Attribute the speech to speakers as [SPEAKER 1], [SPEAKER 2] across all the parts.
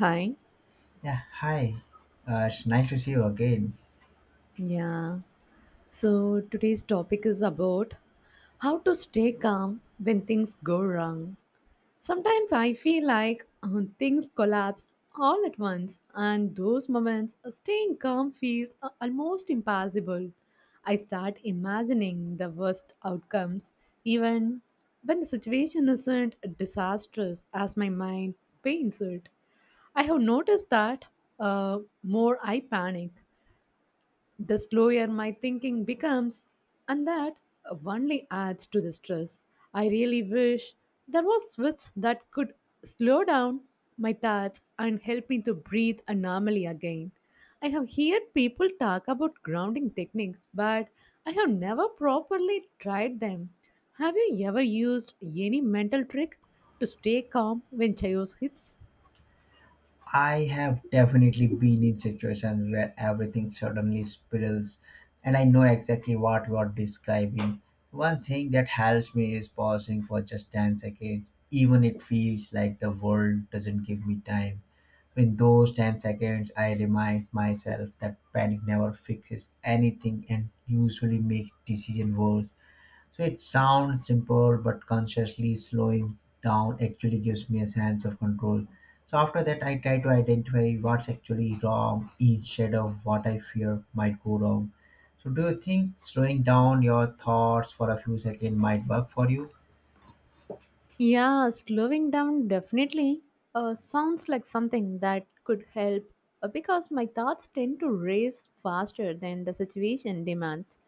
[SPEAKER 1] Hi.
[SPEAKER 2] Yeah, hi. It's nice to see you again.
[SPEAKER 1] Yeah. So today's topic is about how to stay calm when things go wrong. Sometimes I feel like things collapse all at once, and those moments, staying calm feels almost impossible. I start imagining the worst outcomes, even when the situation isn't disastrous as my mind paints it. I have noticed that more I panic, the slower my thinking becomes, and that only adds to the stress. I really wish there was switch that could slow down my thoughts and help me to breathe normally again. I have heard people talk about grounding techniques, but I have never properly tried them. Have you ever used any mental trick to stay calm when chaos hits?
[SPEAKER 2] I have definitely been in situations where everything suddenly spills, and I know exactly what you are describing. One thing that helps me is pausing for just 10 seconds, even it feels like the world doesn't give me time. In those 10 seconds, I remind myself that panic never fixes anything and usually makes decision worse. So it sounds simple, but consciously slowing down actually gives me a sense of control. So after that, I try to identify what's actually wrong, instead of what I fear might go wrong. So do you think slowing down your thoughts for a few seconds might work for you?
[SPEAKER 1] Yeah, slowing down definitely sounds like something that could help because my thoughts tend to race faster than the situation demands.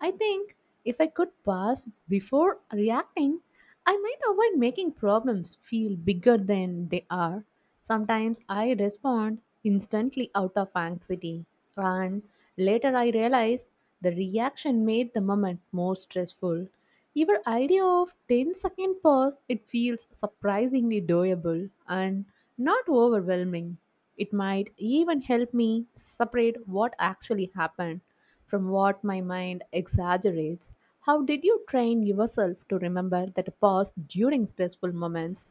[SPEAKER 1] I think if I could pause before reacting, I might avoid making problems feel bigger than they are. Sometimes I respond instantly out of anxiety, and later I realize the reaction made the moment more stressful. Your idea of 102nd pause it feels surprisingly doable and not overwhelming. It might even help me separate what actually happened from what my mind exaggerates. How did you train yourself to remember that pause during stressful moments?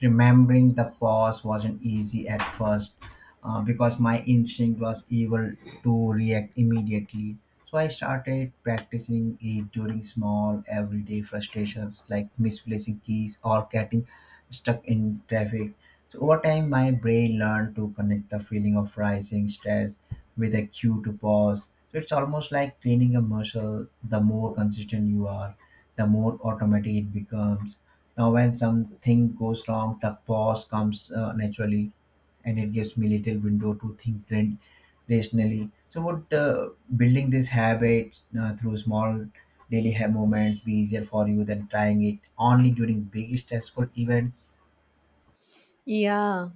[SPEAKER 2] Remembering the pause wasn't easy at first because my instinct was evil to react immediately. So I started practicing it during small everyday frustrations like misplacing keys or getting stuck in traffic. So over time, my brain learned to connect the feeling of rising stress with a cue to pause. So it's almost like training a muscle. The more consistent you are, the more automatic it becomes when something goes wrong, the pause comes naturally, and it gives me little window to think rationally. So what, building this habit through small daily moments be easier for you than trying it only during big stressful events?
[SPEAKER 1] Yeah.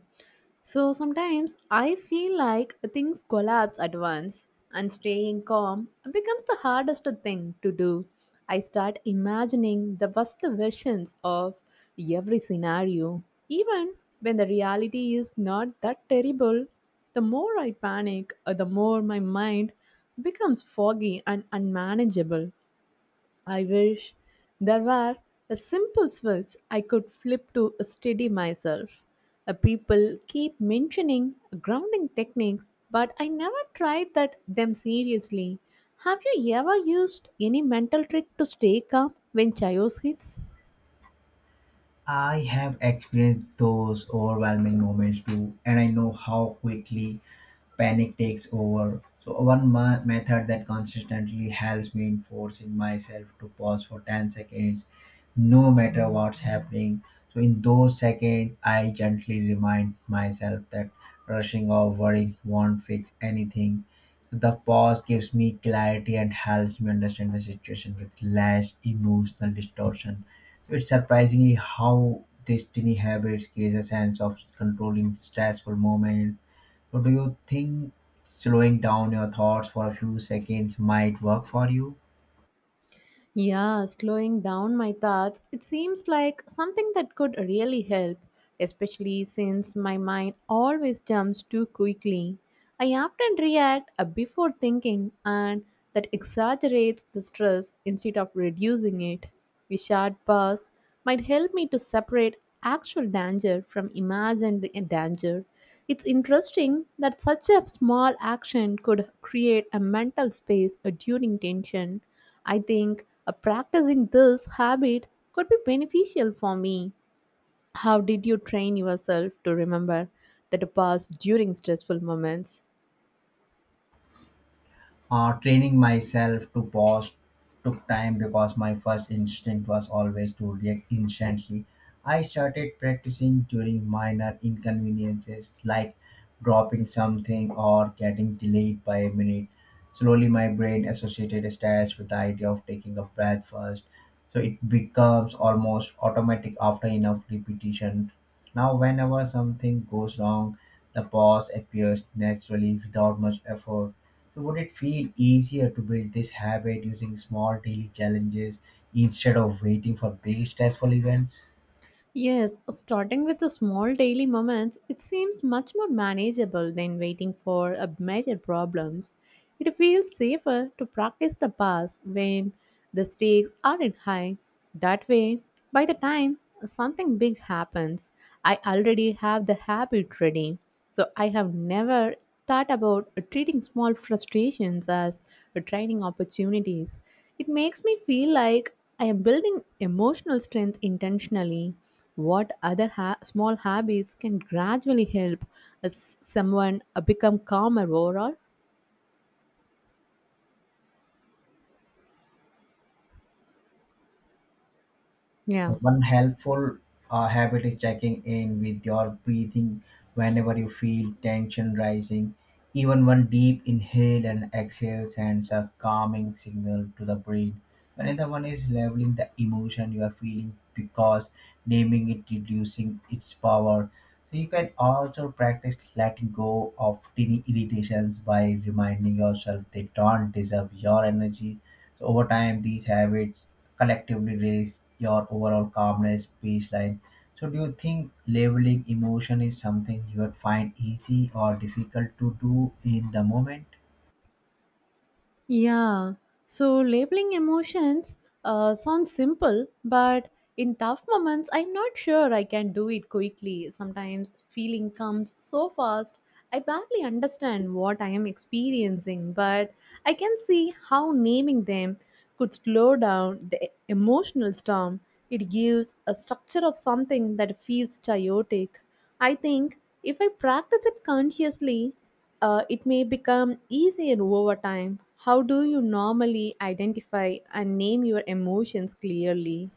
[SPEAKER 1] So sometimes I feel like things collapse at once and staying calm becomes the hardest thing to do. I start imagining the worst versions of every scenario. Even when the reality is not that terrible, the more I panic, the more my mind becomes foggy and unmanageable. I wish there were a simple switch I could flip to steady myself. People keep mentioning grounding techniques, but I never tried that them seriously. Have you ever used any mental trick to stay calm when chaos hits?
[SPEAKER 2] I have experienced those overwhelming moments too, and I know how quickly panic takes over. So, one method that consistently helps me in forcing myself to pause for 10 seconds, no matter what's happening. So, in those seconds, I gently remind myself that rushing or worrying won't fix anything. The pause gives me clarity and helps me understand the situation with less emotional distortion. It's surprisingly how this tiny habits creates a sense of control in stressful moments. So do you think slowing down your thoughts for a few seconds might work for you?
[SPEAKER 1] Yeah, slowing down my thoughts, it seems like something that could really help, especially since my mind always jumps too quickly. I often react before thinking, and that exaggerates the stress instead of reducing it. We should pause might help me to separate actual danger from imagined danger. It's interesting that such a small action could create a mental space during tension. I think practicing this habit could be beneficial for me. How did you train yourself to remember that pause during stressful moments?
[SPEAKER 2] Training myself to pause took time because my first instinct was always to react instantly. I started practicing during minor inconveniences like dropping something or getting delayed by a minute. Slowly, my brain associated stress with the idea of taking a breath first, so it becomes almost automatic after enough repetition. Now, whenever something goes wrong, the pause appears naturally without much effort. So, would it feel easier to build this habit using small daily challenges instead of waiting for big stressful events?
[SPEAKER 1] Yes, starting with the small daily moments, it seems much more manageable than waiting for a major problems. It feels safer to practice the pass when the stakes aren't high. That way, by the time something big happens, I already have the habit ready. So I have never thought about treating small frustrations as training opportunities. It makes me feel like I am building emotional strength intentionally. What other small habits can gradually help as someone become calmer overall? Yeah.
[SPEAKER 2] One helpful habit is checking in with your breathing whenever you feel tension rising. Even one deep inhale and exhale sends a calming signal to the brain. Another one is labeling the emotion you are feeling because naming it reducing its power. So you can also practice letting go of tiny irritations by reminding yourself they don't deserve your energy. So over time, these habits collectively raise your overall calmness baseline. So, do you think labeling emotion is something you would find easy or difficult to do in the moment?
[SPEAKER 1] Yeah, so labeling emotions sounds simple, but in tough moments, I'm not sure I can do it quickly. Sometimes feeling comes so fast, I barely understand what I am experiencing, but I can see how naming them could slow down the emotional storm. It gives a structure of something that feels chaotic. I think if I practice it consciously, it may become easier over time. How do you normally identify and name your emotions clearly?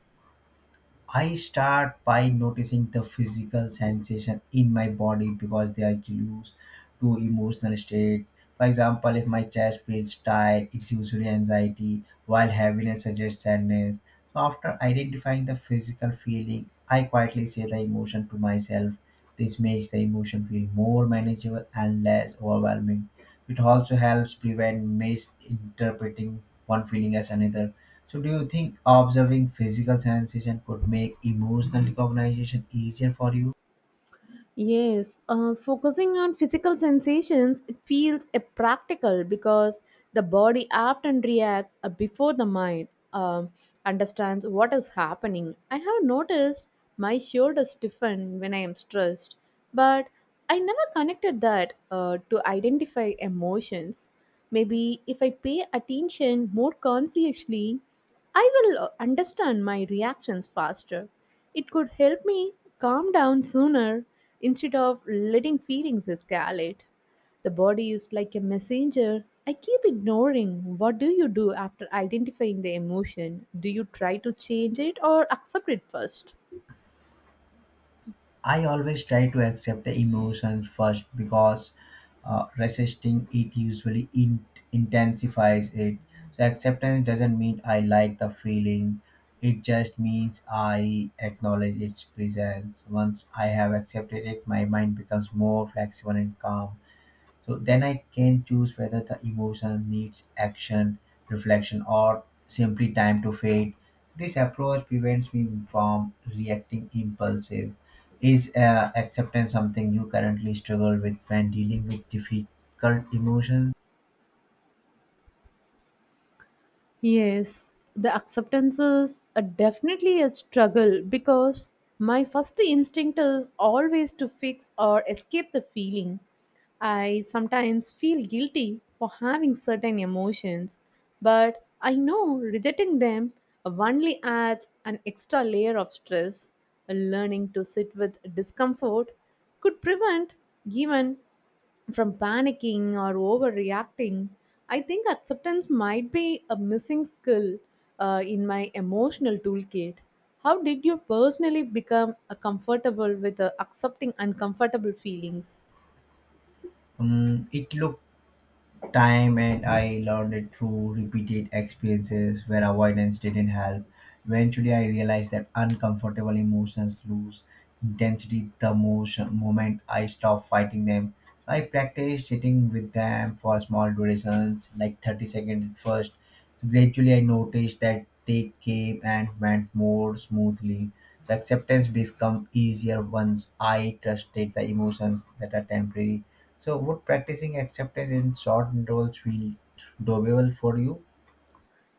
[SPEAKER 2] I start by noticing the physical sensation in my body because they are clues to emotional states. For example, if my chest feels tight, it's usually anxiety, while heaviness suggests sadness. So, after identifying the physical feeling, I quietly say the emotion to myself. This makes the emotion feel more manageable and less overwhelming. It also helps prevent misinterpreting one feeling as another. So, do you think observing physical sensation could make emotional recognition easier for you?
[SPEAKER 1] Yes, focusing on physical sensations, it feels a practical because the body often reacts before the mind um, understands what is happening. I have noticed my shoulders stiffen when I am stressed, but I never connected that to identify emotions. Maybe if I pay attention more consciously, I will understand my reactions faster. It could help me calm down sooner instead of letting feelings escalate. The body is like a messenger. I keep ignoring. What do you do after identifying the emotion? Do you try to change it or accept it first?
[SPEAKER 2] I always try to accept the emotions first because resisting it usually intensifies it. So acceptance doesn't mean I like the feeling. It just means I acknowledge its presence. Once I have accepted it, my mind becomes more flexible and calm. So then I can choose whether the emotion needs action, reflection, or simply time to fade. This approach prevents me from reacting impulsive. Is acceptance something you currently struggle with when dealing with difficult emotions?
[SPEAKER 1] Yes, the acceptance is a definitely a struggle because my first instinct is always to fix or escape the feeling. I sometimes feel guilty for having certain emotions, but I know rejecting them only adds an extra layer of stress. Learning to sit with discomfort could prevent even from panicking or overreacting, I think acceptance might be a missing skill in my emotional toolkit. How did you personally become comfortable with accepting uncomfortable feelings?
[SPEAKER 2] It looks time and I learned it through repeated experiences where avoidance didn't help. Eventually, I realized that uncomfortable emotions lose intensity the most moment I stop fighting them. I practiced sitting with them for small durations, like 30 seconds at first. So gradually, I noticed that they came and went more smoothly. So acceptance become easier once I trusted the emotions that are temporary. So, would practicing acceptance in short intervals feel doable for you?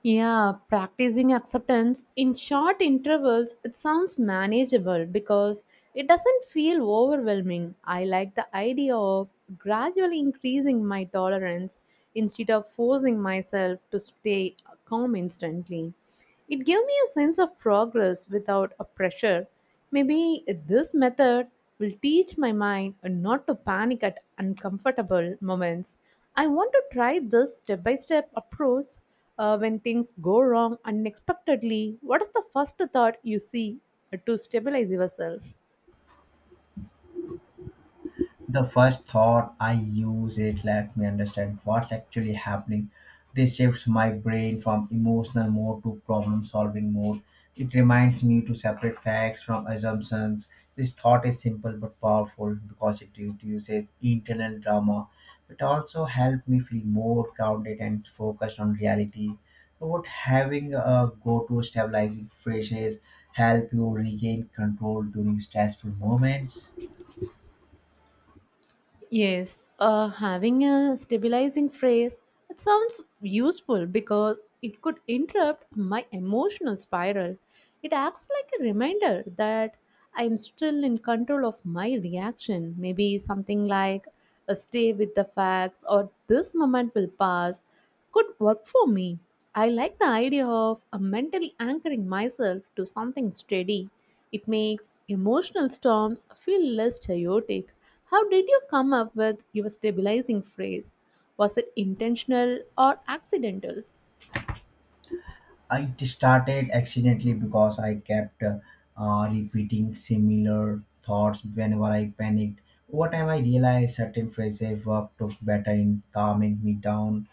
[SPEAKER 1] Yeah, practicing acceptance in short intervals, it sounds manageable because it doesn't feel overwhelming. I like the idea of gradually increasing my tolerance instead of forcing myself to stay calm instantly. It gave me a sense of progress without a pressure. Maybe this method will teach my mind not to panic at uncomfortable moments. I want to try this step by step approach when things go wrong unexpectedly. What is the first thought you see to stabilize yourself?
[SPEAKER 2] The first thought I use it let me understand what's actually happening. This shifts my brain from emotional mode to problem solving mode. It reminds me to separate facts from assumptions. This thought is simple but powerful because it reduces internal drama. It also helps me feel more grounded and focused on reality. So what having a go-to stabilizing phrases help you regain control during stressful moments?
[SPEAKER 1] Yes, having a stabilizing phrase, it sounds useful because it could interrupt my emotional spiral. It acts like a reminder that I am still in control of my reaction. Maybe something like a stay with the facts or this moment will pass could work for me. I like the idea of mentally anchoring myself to something steady. It makes emotional storms feel less chaotic. How did you come up with your stabilizing phrase? Was it intentional or accidental?
[SPEAKER 2] It started accidentally because I kept repeating similar thoughts whenever I panicked. Over time, I realized certain phrases worked better in calming me down.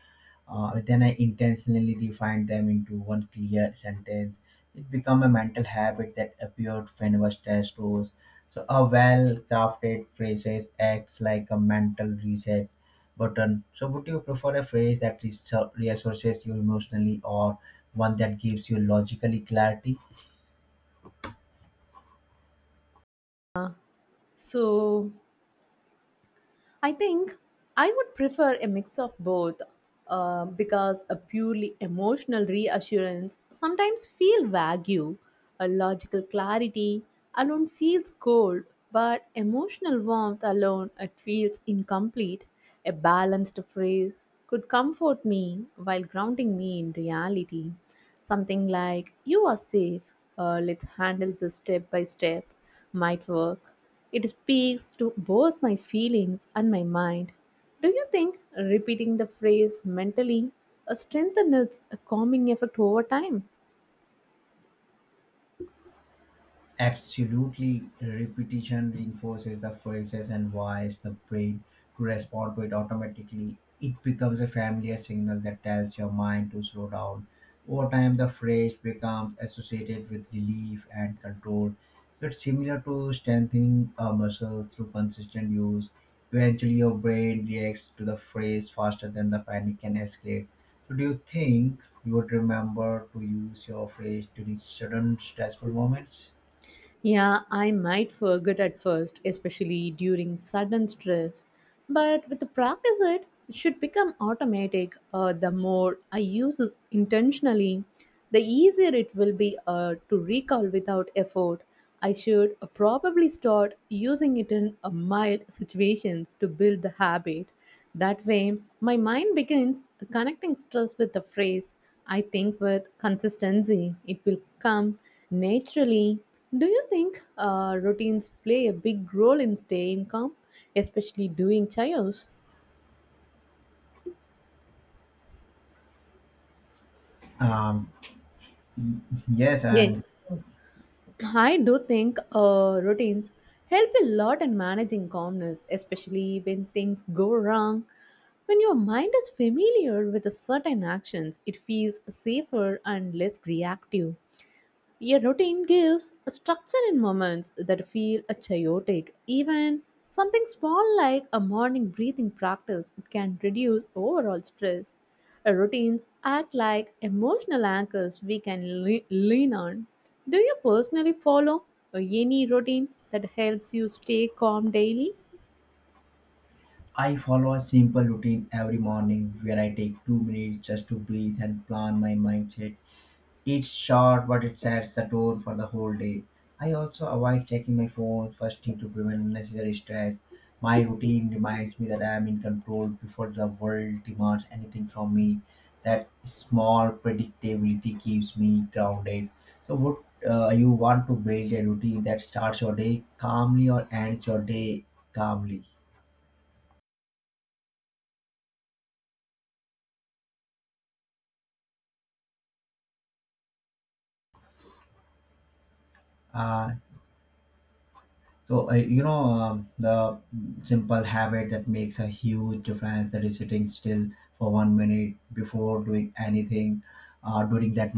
[SPEAKER 2] Then I intentionally defined them into one clear sentence. It became a mental habit that appeared whenever stress rose. So a well-crafted phrases acts like a mental reset button. So, would you prefer a phrase that resources you emotionally or one that gives you logically clarity?
[SPEAKER 1] So, I think I would prefer a mix of both because a purely emotional reassurance sometimes feel vague. A logical clarity alone feels cold, but emotional warmth alone it feels incomplete. A balanced phrase could comfort me while grounding me in reality. Something like "You are safe. Let's handle this step by step" might work it speaks to both my feelings and my mind. Do you think repeating the phrase mentally strengthens its calming effect over time?
[SPEAKER 2] Absolutely, repetition reinforces the phrases and wires the brain to respond to it automatically. It becomes a familiar signal that tells your mind to slow down. Over time, the phrase becomes associated with relief and control. So it's similar to strengthening a muscle through consistent use. Eventually, your brain reacts to the phrase faster than the panic can escalate. So, do you think you would remember to use your phrase during certain stressful moments?
[SPEAKER 1] Yeah, I might forget at first, especially during sudden stress. But with the practice, it should become automatic. The more I use it intentionally, the easier it will be to recall without effort. I should probably start using it in mild situations to build the habit. That way, my mind begins connecting stress with the phrase. I think with consistency, it will come naturally do you think routines play a big role in staying calm, especially during chaos?
[SPEAKER 2] Um, y- yes,
[SPEAKER 1] Yes,
[SPEAKER 2] and
[SPEAKER 1] I do think routines help a lot in managing calmness, especially when things go wrong. When your mind is familiar with a certain actions, it feels safer and less reactive. Your routine gives a structure in moments that feel a chaotic. Even something small like a morning breathing practice can reduce overall stress. Routines act like emotional anchors we can lean on. Do you personally follow any routine that helps you stay calm daily?
[SPEAKER 2] I follow a simple routine every morning where I take 2 minutes just to breathe and plan my mindset. It's short, but it sets the tone for the whole day. I also avoid checking my phone first thing to prevent unnecessary stress. My routine reminds me that I am in control before the world demands anything from me. That small predictability keeps me grounded. So, would you want to build a routine that starts your day calmly or ends your day calmly? Uh, the simple habit that makes a huge difference that is sitting still for 1 minute before doing anything during that